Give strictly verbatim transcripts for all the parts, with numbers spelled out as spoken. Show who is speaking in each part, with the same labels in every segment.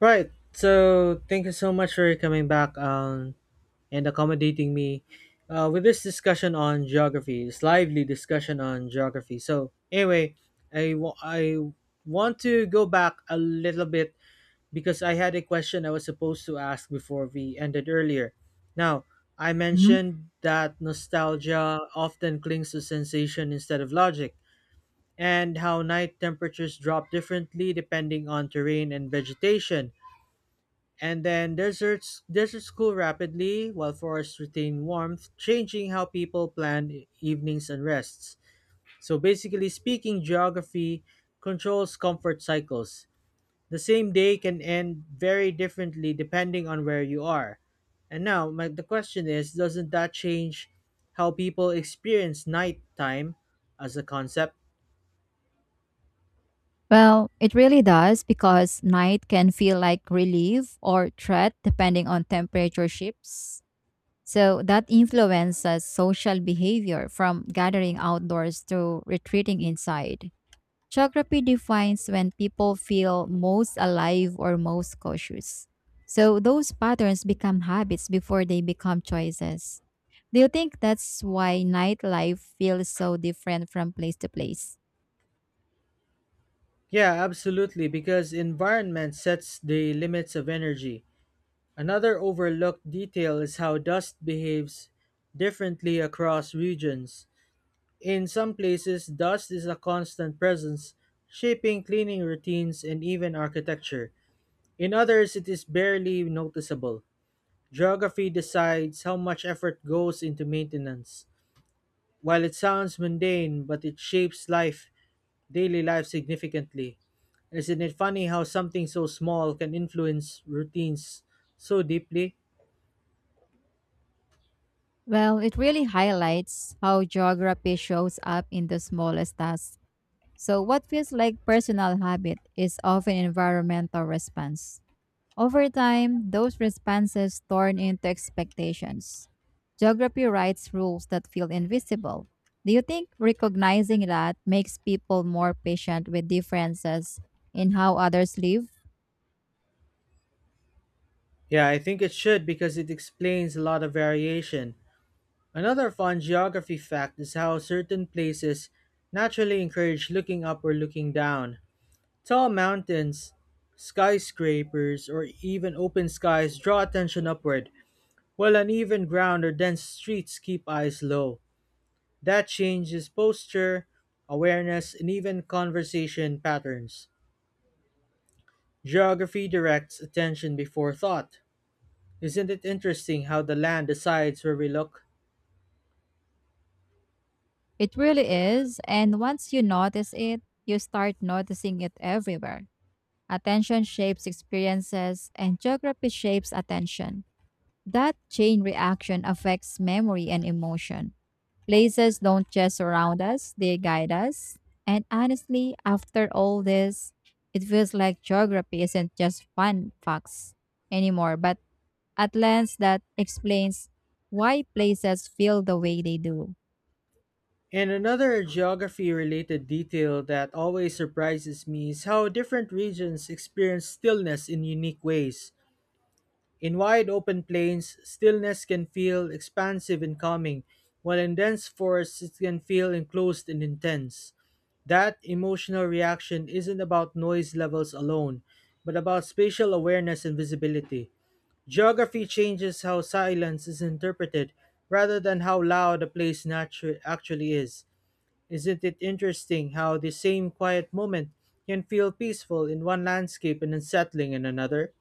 Speaker 1: Right. So thank you so much for coming back um, and accommodating me uh, with this discussion on geography. This lively discussion on geography. So anyway, I wa- I want to go back a little bit because I had a question I was supposed to ask before we ended earlier. Now I
Speaker 2: Mhm.
Speaker 1: mentioned that nostalgia often clings to sensation instead of logic, and how night temperatures drop differently depending on terrain and vegetation and then deserts deserts cool rapidly while forests retain warmth, changing how people plan e- evenings and rests. So basically speaking, geography controls comfort cycles. The same day can end very differently depending on where you are. And now my, the question is, doesn't that change how people experience nighttime as a concept?
Speaker 2: Well, it really does because night can feel like relief or threat depending on temperature shifts. So that influences social behavior from gathering outdoors to retreating inside. Geography defines when people feel most alive or most cautious. So those patterns become habits before they become choices. Do you think that's why nightlife feels so different from place to place?
Speaker 1: Yeah, absolutely, because environment sets the limits of energy. Another overlooked detail is how dust behaves differently across regions. In some places, dust is a constant presence, shaping cleaning routines and even architecture. In others, it is barely noticeable. Geography decides how much effort goes into maintenance. While it sounds mundane, but it shapes life, daily life significantly. Isn't it funny how something so small can influence routines so deeply?
Speaker 2: Well, it really highlights how geography shows up in the smallest tasks. So, what feels like personal habit is often environmental response. Over time, those responses turn into expectations. Geography writes rules that feel invisible. Do you think recognizing that makes people more patient with differences in how others live?
Speaker 1: Yeah, I think it should because it explains a lot of variation. Another fun geography fact is how certain places naturally encourage looking up or looking down. Tall mountains, skyscrapers, or even open skies draw attention upward, while uneven ground or dense streets keep eyes low. That changes posture, awareness, and even conversation patterns. Geography directs attention before thought. Isn't it interesting how the land decides where we look?
Speaker 2: It really is, and once you notice it, you start noticing it everywhere. Attention shapes experiences, and geography shapes attention. That chain reaction affects memory and emotion. Places don't just surround us, they guide us. And honestly, after all this, it feels like geography isn't just fun facts anymore, but a lens that explains why places feel the way they do.
Speaker 1: And another geography related detail that always surprises me is how different regions experience stillness in unique ways. In wide open plains, stillness can feel expansive and calming, while in dense forests it can feel enclosed and intense. That emotional reaction isn't about noise levels alone, but about spatial awareness and visibility. Geography changes how silence is interpreted rather than how loud a place natu- actually is. Isn't it interesting how the same quiet moment can feel peaceful in one landscape and unsettling in another?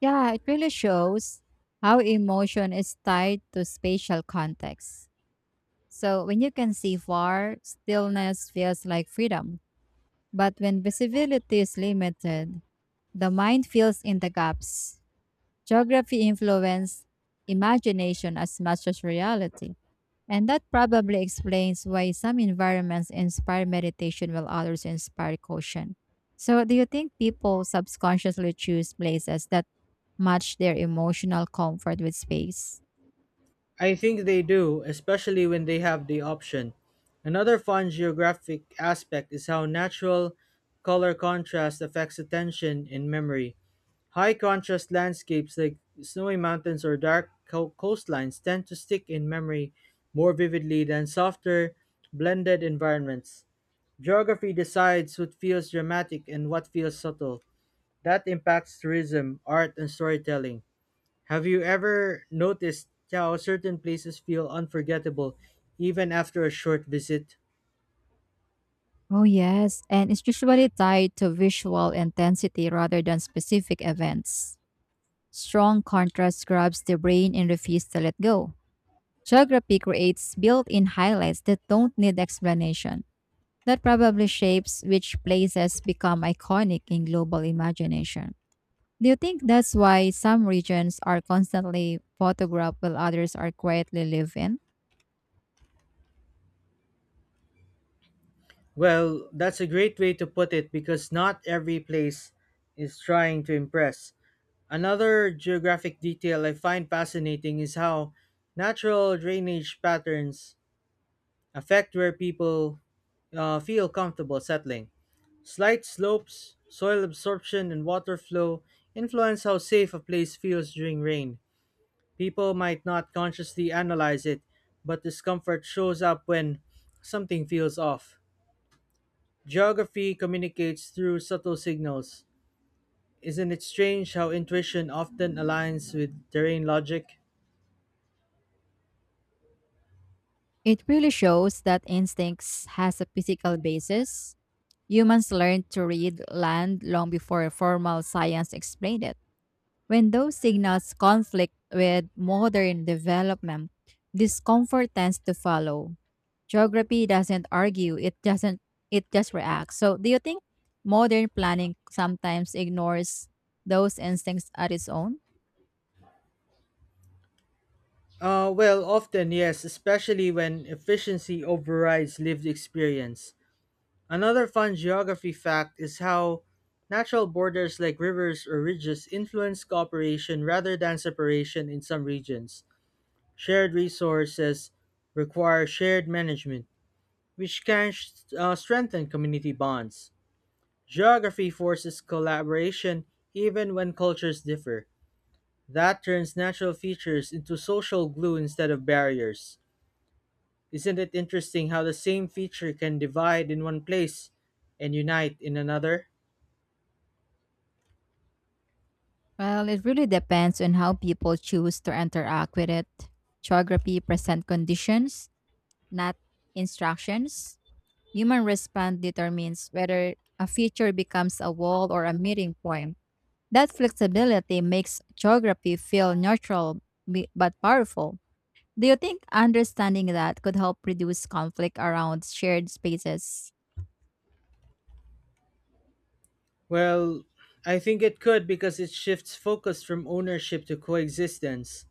Speaker 2: Yeah, it really shows how emotion is tied to spatial context. So when you can see far, stillness feels like freedom. But when visibility is limited, the mind fills in the gaps. Geography influences imagination as much as reality. And that probably explains why some environments inspire meditation while others inspire caution. So, do you think people subconsciously choose places that match their emotional comfort with space?
Speaker 1: I think they do, especially when they have the option. Another fun geographic aspect is how natural color contrast affects attention and memory. High contrast landscapes like snowy mountains or dark co- coastlines tend to stick in memory more vividly than softer, blended environments. Geography decides what feels dramatic and what feels subtle. That impacts tourism, art, and storytelling. Have you ever noticed how certain places feel unforgettable even after a short visit?
Speaker 2: Oh, yes. And it's usually tied to visual intensity rather than specific events. Strong contrast grabs the brain and refuses to let go. Geography creates built in highlights that don't need explanation. That probably shapes which places become iconic in global imagination. Do you think that's why some regions are constantly photographed while others are quietly lived in?
Speaker 1: Well, that's a great way to put it because not every place is trying to impress. Another geographic detail I find fascinating is how natural drainage patterns affect where people uh, feel comfortable settling. Slight slopes, soil absorption, and water flow influence how safe a place feels during rain. People might not consciously analyze it, but discomfort shows up when something feels off. Geography communicates through subtle signals. Isn't it strange how intuition often aligns with terrain logic?
Speaker 2: It really shows that instincts has a physical basis. Humans learned to read land long before formal science explained it. When those signals conflict with modern development, discomfort tends to follow. Geography doesn't argue, it doesn't it just reacts. So do you think modern planning sometimes ignores those instincts at its own?
Speaker 1: Uh, well, often, yes, especially when efficiency overrides lived experience. Another fun geography fact is how natural borders like rivers or ridges influence cooperation rather than separation in some regions. Shared resources require shared management, which can uh, strengthen community bonds. Geography forces collaboration even when cultures differ. That turns natural features into social glue instead of barriers. Isn't it interesting how the same feature can divide in one place and unite in another?
Speaker 2: Well, it really depends on how people choose to interact with it. Geography present conditions, not instructions. Human response determines whether a feature becomes a wall or a meeting point. That flexibility makes geography feel neutral bi- but powerful. Do you think understanding that could help reduce conflict around shared spaces?
Speaker 1: Well, I think it could because it shifts focus from ownership to coexistence.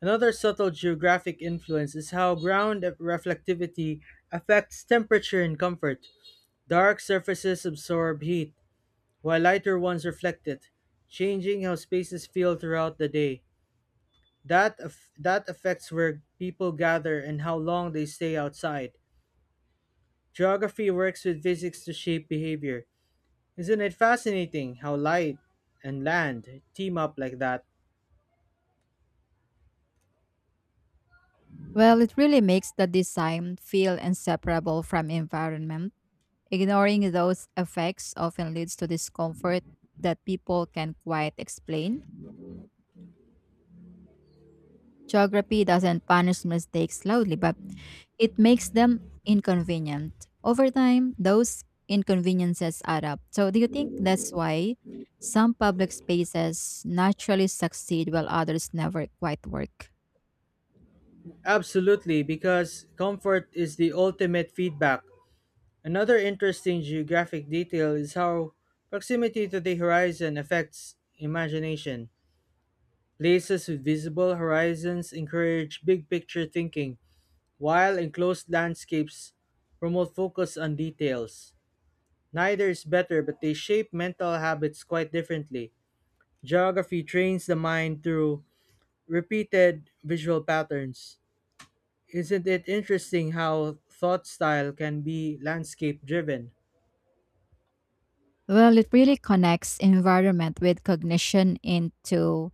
Speaker 1: Another subtle geographic influence is how ground reflectivity affects temperature and comfort. Dark surfaces absorb heat, while lighter ones reflect it, changing how spaces feel throughout the day. That, aff- that affects where people gather and how long they stay outside. Geography works with physics to shape behavior. Isn't it fascinating how light and land team up like that?
Speaker 2: Well, it really makes the design feel inseparable from environment. Ignoring those effects often leads to discomfort that people can quite explain. Geography doesn't punish mistakes loudly, but it makes them inconvenient. Over time, those inconveniences add up. So, do you think that's why some public spaces naturally succeed while others never quite work?
Speaker 1: Absolutely, because comfort is the ultimate feedback. Another interesting geographic detail is how proximity to the horizon affects imagination. Places with visible horizons encourage big picture thinking, while enclosed landscapes promote focus on details. Neither is better, but they shape mental habits quite differently. Geography trains the mind through repeated visual patterns. Isn't it interesting how thought style can be landscape driven?
Speaker 2: Well, it really connects environment with cognition into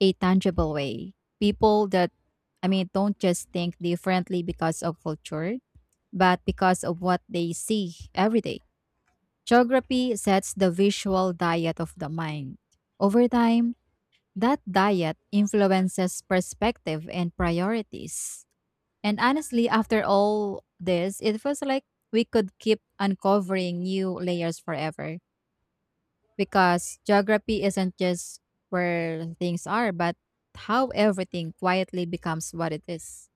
Speaker 2: a tangible way. People that, I mean, Don't just think differently because of culture, but because of what they see every day. Geography sets the visual diet of the mind. Over time, that diet influences perspective and priorities. And honestly, after all this, it feels like we could keep uncovering new layers forever because geography isn't just where things are, but how everything quietly becomes what it is.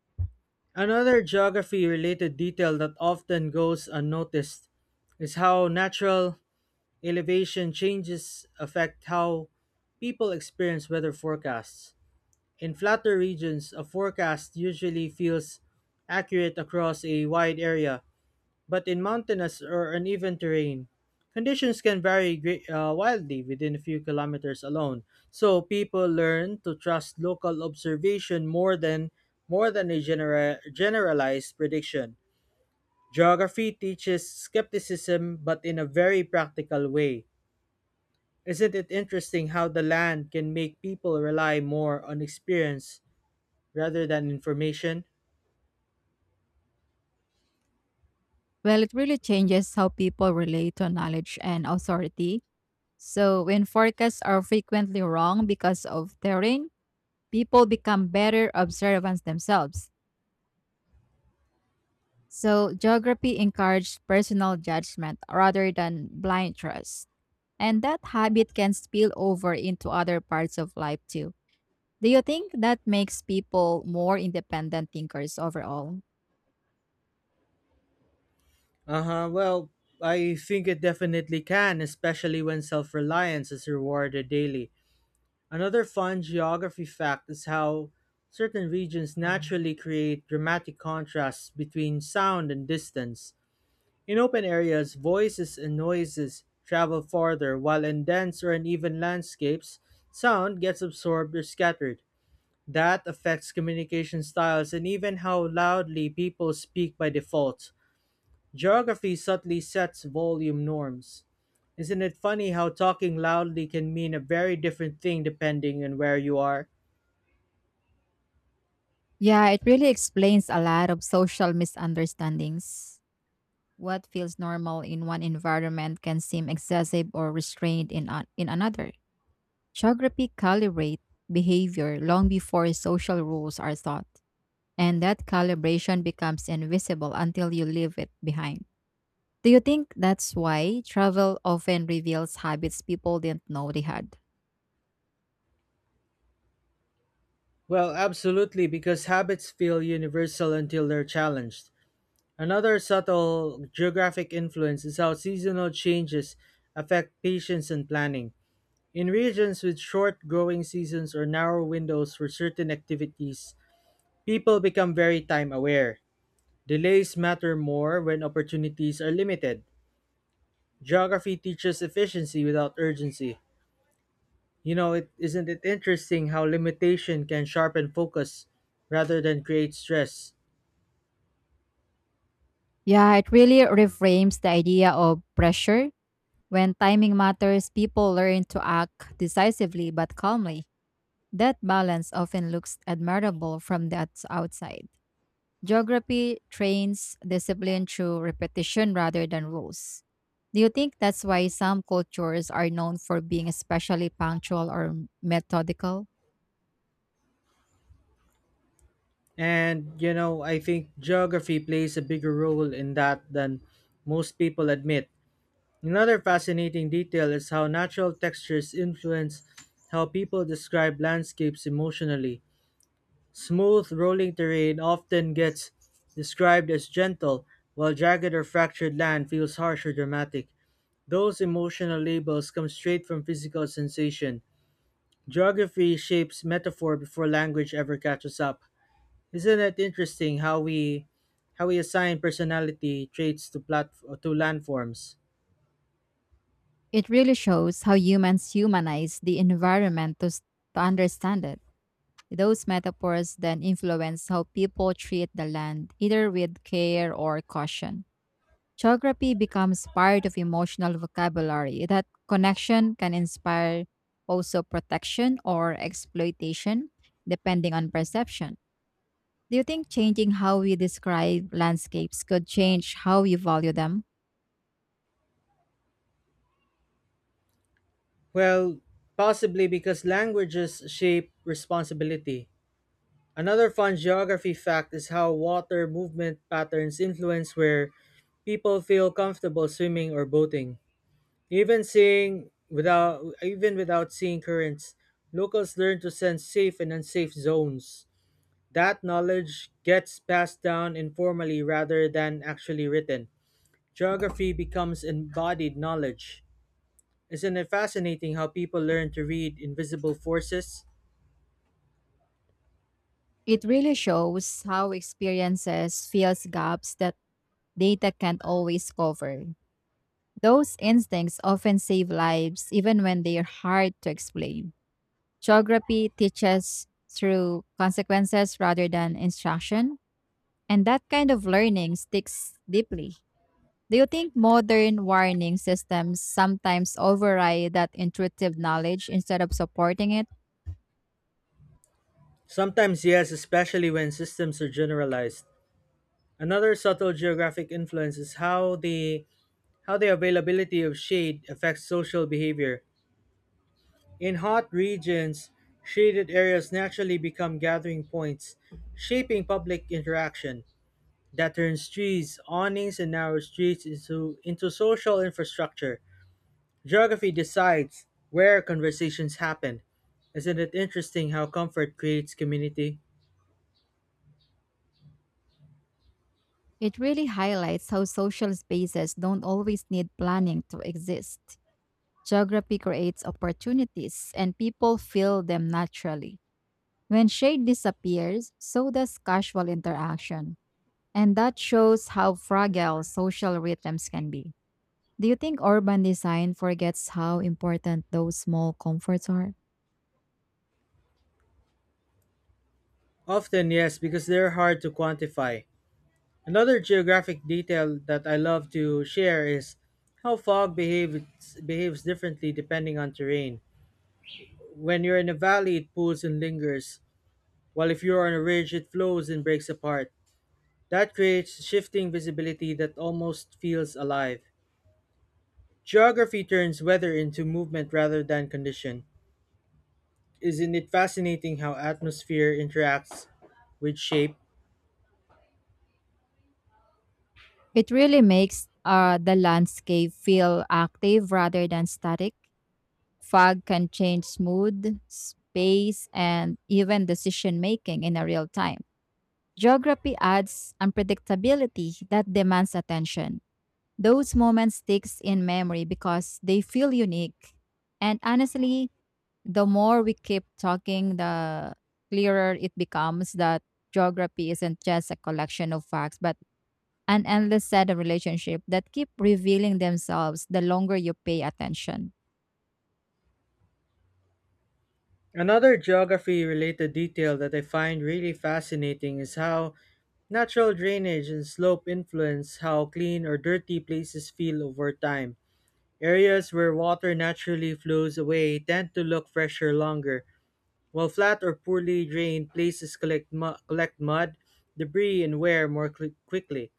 Speaker 1: Another geography related detail that often goes unnoticed is how natural elevation changes affect how people experience weather forecasts. In flatter regions, a forecast usually feels accurate across a wide area, but in mountainous or uneven terrain, conditions can vary great, uh, wildly within a few kilometers alone. So people learn to trust local observation more than more than a genera- generalized prediction. Geography teaches skepticism, but in a very practical way. Isn't it interesting how the land can make people rely more on experience rather than information?
Speaker 2: Well, it really changes how people relate to knowledge and authority. So, when forecasts are frequently wrong because of terrain, people become better observants themselves. So, geography encourages personal judgment rather than blind trust. And that habit can spill over into other parts of life too. Do you think that makes people more independent thinkers overall?
Speaker 1: Uh-huh. Well, I think it definitely can, especially when self-reliance is rewarded daily. Another fun geography fact is how certain regions naturally create dramatic contrasts between sound and distance. In open areas, voices and noises travel farther, while in dense or uneven landscapes, sound gets absorbed or scattered. That affects communication styles and even how loudly people speak by default. Geography subtly sets volume norms. Isn't it funny how talking loudly can mean a very different thing depending on where you are?
Speaker 2: Yeah, it really explains a lot of social misunderstandings. What feels normal in one environment can seem excessive or restrained in, a- in another. Geography calibrate behavior long before social rules are thought, and that calibration becomes invisible until you leave it behind. Do you think that's why travel often reveals habits people didn't know they had?
Speaker 1: Well, absolutely, because habits feel universal until they're challenged. Another subtle geographic influence is how seasonal changes affect patience and planning. In regions with short growing seasons or narrow windows for certain activities, people become very time aware. Delays matter more when opportunities are limited. Geography teaches efficiency without urgency. You know, it isn't it interesting how limitation can sharpen focus rather than create stress.
Speaker 2: Yeah, it really reframes the idea of pressure. When timing matters, people learn to act decisively but calmly. That balance often looks admirable from the outs- outside. Geography trains discipline through repetition rather than rules. Do you think that's why some cultures are known for being especially punctual or methodical?
Speaker 1: And you know, I think geography plays a bigger role in that than most people admit. Another fascinating detail is how natural textures influence how people describe landscapes emotionally. Smooth, rolling terrain often gets described as gentle, while jagged or fractured land feels harsh or dramatic. Those emotional labels come straight from physical sensation. Geography shapes metaphor before language ever catches up. Isn't it interesting how we how we assign personality traits to plat to landforms?
Speaker 2: It really shows how humans humanize the environment to, s- to understand it. Those metaphors then influence how people treat the land, either with care or caution. Geography becomes part of emotional vocabulary. That connection can inspire also protection or exploitation, depending on perception. Do you think changing how we describe landscapes could change how we value them?
Speaker 1: Well, possibly because languages shape responsibility. Another fun geography fact is how water movement patterns influence where people feel comfortable swimming or boating. Even seeing without even without seeing currents, locals learn to sense safe and unsafe zones. That knowledge gets passed down informally rather than actually written. Geography becomes embodied knowledge. Isn't it fascinating how people learn to read invisible forces?
Speaker 2: It really shows how experiences fills gaps that data can't always cover. Those instincts often save lives even when they are hard to explain. Geography teaches through consequences rather than instruction, and that kind of learning sticks deeply. Do you think modern warning systems sometimes override that intuitive knowledge instead of supporting it?
Speaker 1: Sometimes yes, especially when systems are generalized. Another subtle geographic influence is how the how the availability of shade affects social behavior. In hot regions, shaded areas naturally become gathering points, shaping public interaction. That turns trees, awnings, and narrow streets into into social infrastructure. Geography decides where conversations happen. Isn't it interesting how comfort creates community?
Speaker 2: It really highlights how social spaces don't always need planning to exist. Geography creates opportunities and people fill them naturally. When shade disappears, so does casual interaction. And that shows how fragile social rhythms can be. Do you think urban design forgets how important those small comforts are?
Speaker 1: Often, yes, because they're hard to quantify. Another geographic detail that I love to share is how fog behaves, behaves differently depending on terrain. When you're in a valley, it pools and lingers, while if you're on a ridge, it flows and breaks apart. That creates shifting visibility that almost feels alive. Geography turns weather into movement rather than condition. Isn't it fascinating how atmosphere interacts with shape?
Speaker 2: It really makes uh, the landscape feel active rather than static. Fog can change mood, space, and even decision making in a real time. Geography adds unpredictability that demands attention. Those moments sticks in memory because they feel unique. And honestly, the more we keep talking, the clearer it becomes that geography isn't just a collection of facts, but an endless set of relationships that keep revealing themselves the longer you pay attention.
Speaker 1: Another geography related detail that I find really fascinating is how natural drainage and slope influence how clean or dirty places feel over time. Areas where water naturally flows away tend to look fresher longer, while flat or poorly drained places collect, mu- collect mud, debris, and wear more quick quickly.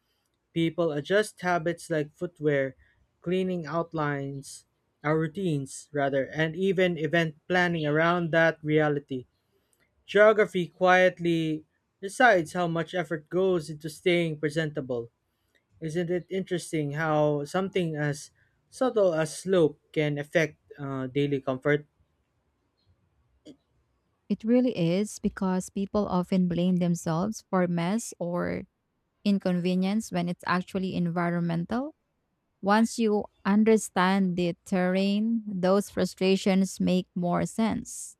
Speaker 1: People adjust habits like footwear, cleaning outlines, our routines rather, and even event planning around that reality. Geography quietly decides how much effort goes into staying presentable. Isn't it interesting how something as subtle as slope can affect uh, daily comfort?
Speaker 2: It really is because people often blame themselves for mess or inconvenience when it's actually environmental. Once you understand the terrain, those frustrations make more sense.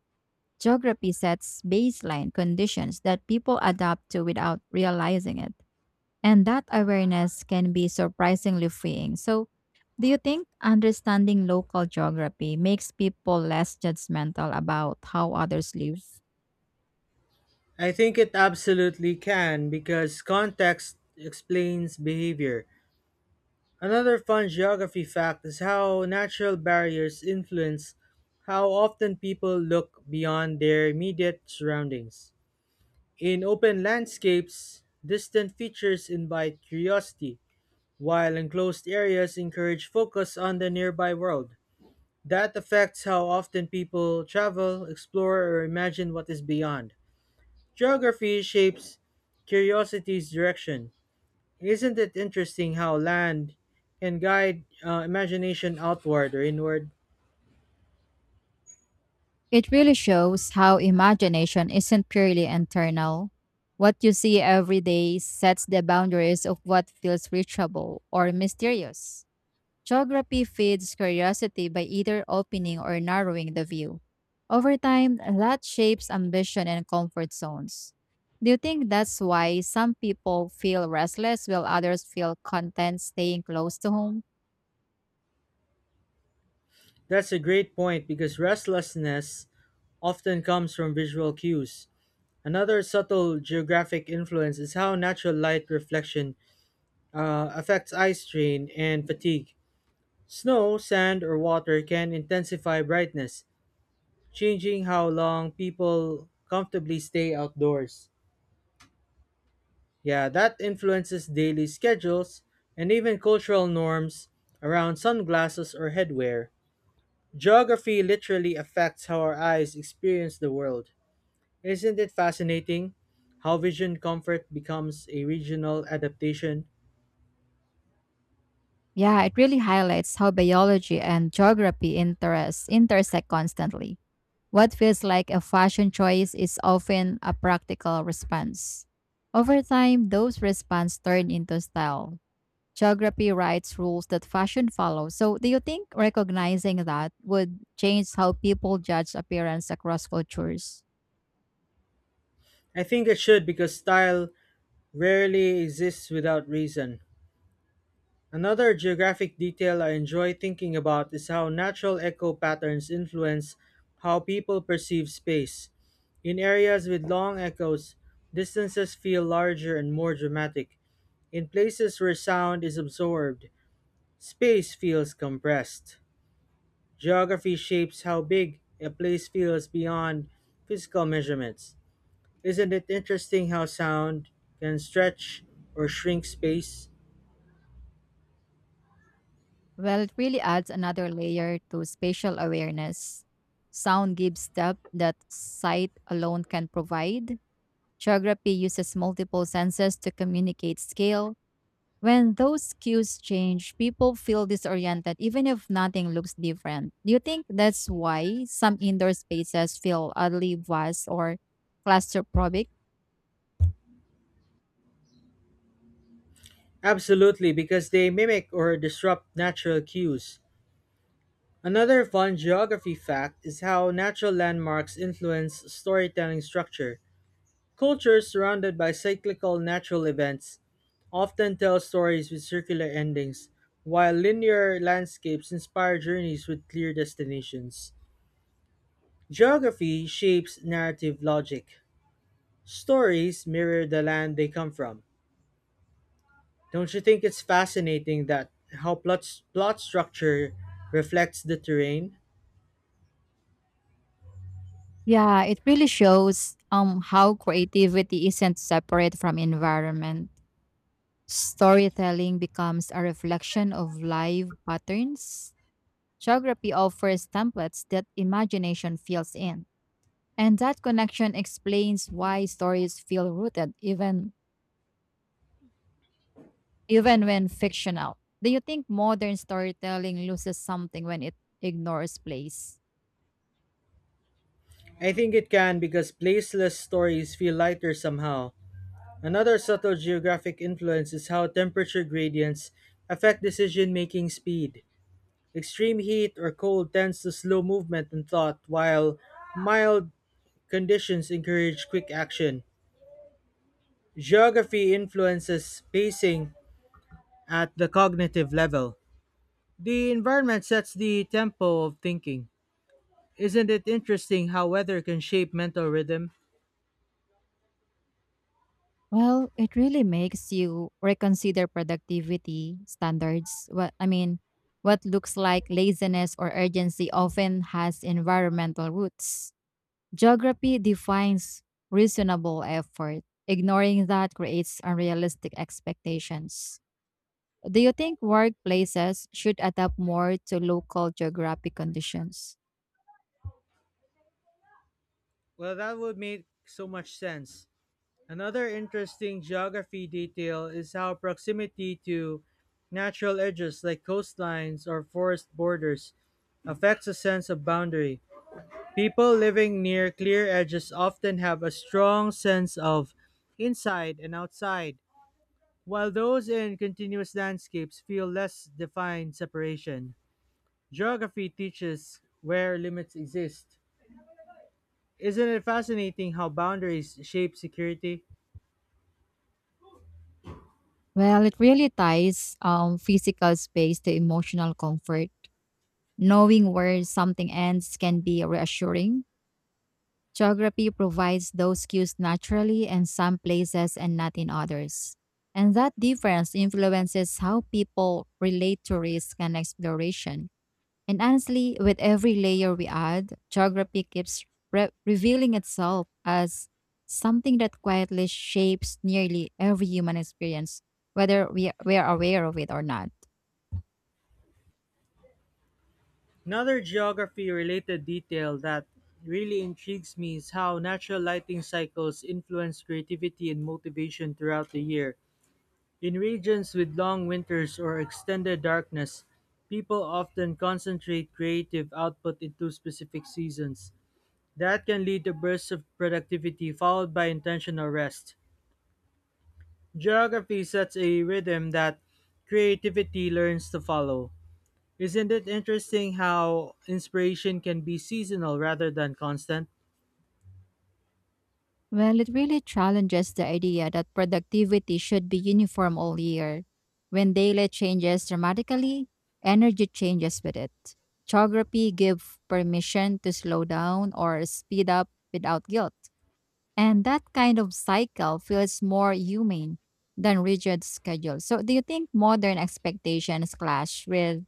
Speaker 2: Geography sets baseline conditions that people adapt to without realizing it. And that awareness can be surprisingly freeing. So, do you think understanding local geography makes people less judgmental about how others live?
Speaker 1: I think it absolutely can because context explains behavior. Another fun geography fact is how natural barriers influence how often people look beyond their immediate surroundings. In open landscapes, distant features invite curiosity, while enclosed areas encourage focus on the nearby world. That affects how often people travel, explore, or imagine what is beyond. Geography shapes curiosity's direction. Isn't it interesting how land can guide uh, imagination outward or inward?
Speaker 2: It really shows how imagination isn't purely internal. What you see every day sets the boundaries of what feels reachable or mysterious. Geography feeds curiosity by either opening or narrowing the view. Over time, that shapes ambition and comfort zones. Do you think that's why some people feel restless while others feel content staying close to home?
Speaker 1: That's a great point because restlessness often comes from visual cues. Another subtle geographic influence is how natural light reflection uh, affects eye strain and fatigue. Snow, sand, or water can intensify brightness, changing how long people comfortably stay outdoors. Yeah, that influences daily schedules and even cultural norms around sunglasses or headwear. Geography literally affects how our eyes experience the world. Isn't it fascinating how vision comfort becomes a regional adaptation?
Speaker 2: Yeah, it really highlights how biology and geography interests intersect constantly. What feels like a fashion choice is often a practical response. Over time, those responses turn into style geography writes rules that fashion follows. So, do you think recognizing that would change how people judge appearance across cultures?
Speaker 1: I think it should because style rarely exists without reason. Another geographic detail I enjoy thinking about is how natural echo patterns influence how people perceive space. In areas with long echoes, distances feel larger and more dramatic. In places where sound is absorbed, space feels compressed. Geography shapes how big a place feels beyond physical measurements. Isn't it interesting how sound can stretch or shrink space?
Speaker 2: Well, it really adds another layer to spatial awareness. Sound gives depth that sight alone can provide. Geography uses multiple senses to communicate scale, when those cues change, people feel disoriented even if nothing looks different. Do you think that's why some indoor spaces feel oddly vast or claustrophobic?
Speaker 1: Absolutely, because they mimic or disrupt natural cues. Another fun geography fact is how natural landmarks influence storytelling structure. Cultures surrounded by cyclical natural events often tell stories with circular endings, while linear landscapes inspire journeys with clear destinations. Geography shapes narrative logic. Stories mirror the land they come from. Don't you think it's fascinating that how plot, plot structure reflects the terrain?
Speaker 2: Yeah, it really shows um how creativity isn't separate from environment. Storytelling becomes a reflection of live patterns. Geography offers templates that imagination fills in. And that connection explains why stories feel rooted even even when fictional, do you think modern storytelling loses something when it ignores place?
Speaker 1: I think it can because placeless stories feel lighter somehow. Another subtle geographic influence is how temperature gradients affect decision making speed. Extreme heat or cold tends to slow movement and thought, while mild conditions encourage quick action. Geography influences pacing at the cognitive level. The environment sets the tempo of thinking. Isn't it interesting how weather can shape mental rhythm?
Speaker 2: Well, it really makes you reconsider productivity standards. What I mean, what looks like laziness or urgency often has environmental roots. Geography defines reasonable effort. Ignoring that creates unrealistic expectations. Do you think workplaces should adapt more to local geographic conditions?
Speaker 1: Well, that would make so much sense. Another interesting geography detail is how proximity to natural edges like coastlines or forest borders affects a sense of boundary. People living near clear edges often have a strong sense of inside and outside. While those in continuous landscapes feel less defined separation, geography teaches where limits exist. Isn't it fascinating how boundaries shape security?
Speaker 2: Well, it really ties um, physical space to emotional comfort. Knowing where something ends can be reassuring. Geography provides those cues naturally in some places and not in others. And that difference influences how people relate to risk and exploration. And honestly, with every layer we add, geography keeps re- revealing itself as something that quietly shapes nearly every human experience, whether we, we are aware of it or not.
Speaker 1: Another geography related detail that really intrigues me is how natural lighting cycles influence creativity and motivation throughout the year. In regions with long winters or extended darkness, people often concentrate creative output into specific seasons. That can lead to bursts of productivity followed by intentional rest. Geography sets a rhythm that creativity learns to follow. Isn't it interesting how inspiration can be seasonal rather than constant?
Speaker 2: Well, it really challenges the idea that productivity should be uniform all year. When daylight changes dramatically, energy changes with it. Geography gives permission to slow down or speed up without guilt. And that kind of cycle feels more humane than rigid schedules. So, do you think modern expectations clash with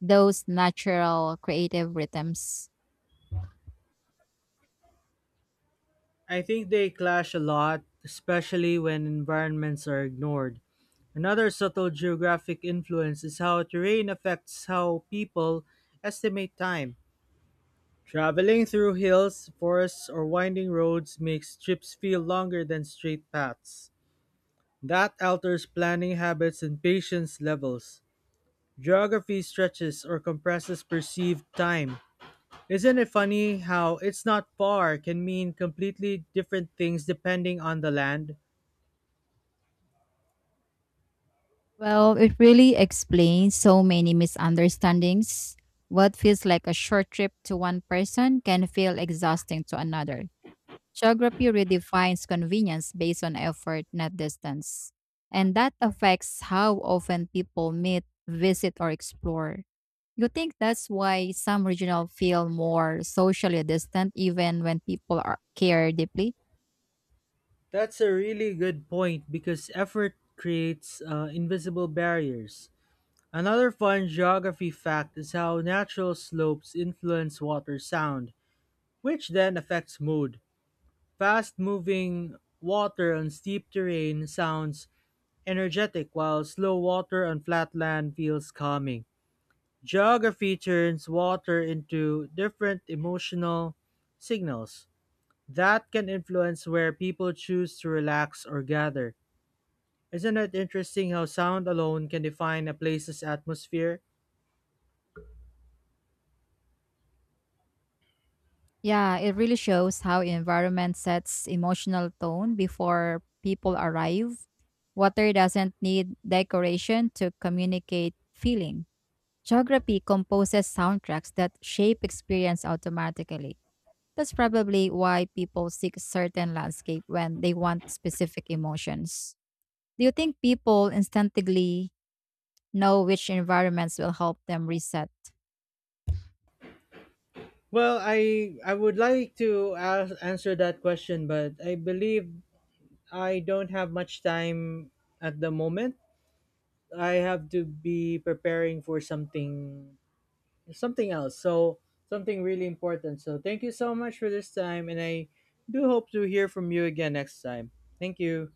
Speaker 2: those natural creative rhythms?
Speaker 1: I think they clash a lot, especially when environments are ignored. Another subtle geographic influence is how terrain affects how people estimate time. Traveling through hills, forests, or winding roads makes trips feel longer than straight paths. That alters planning habits and patience levels. Geography stretches or compresses perceived time. Isn't it funny how it's not far can mean completely different things depending on the land?
Speaker 2: Well, it really explains so many misunderstandings. What feels like a short trip to one person can feel exhausting to another. Geography redefines convenience based on effort, not distance. And that affects how often people meet, visit, or explore. You think that's why some regional feel more socially distant even when people are, care deeply?
Speaker 1: That's a really good point because effort creates uh, invisible barriers. Another fun geography fact is how natural slopes influence water sound, which then affects mood. Fast moving water on steep terrain sounds energetic, while slow water on flat land feels calming. Geography turns water into different emotional signals that can influence where people choose to relax or gather. Isn't it interesting how sound alone can define a place's atmosphere?
Speaker 2: Yeah, it really shows how environment sets emotional tone before people arrive. Water doesn't need decoration to communicate feeling. Geography composes soundtracks that shape experience automatically. That's probably why people seek certain landscape when they want specific emotions. Do you think people instinctively know which environments will help them reset.
Speaker 1: Well, I I would like to a- answer that question, but I believe I don't have much time at the moment. I have to be preparing for something something else. So something really important. So thank you so much for this time and I do hope to hear from you again next time. Thank you.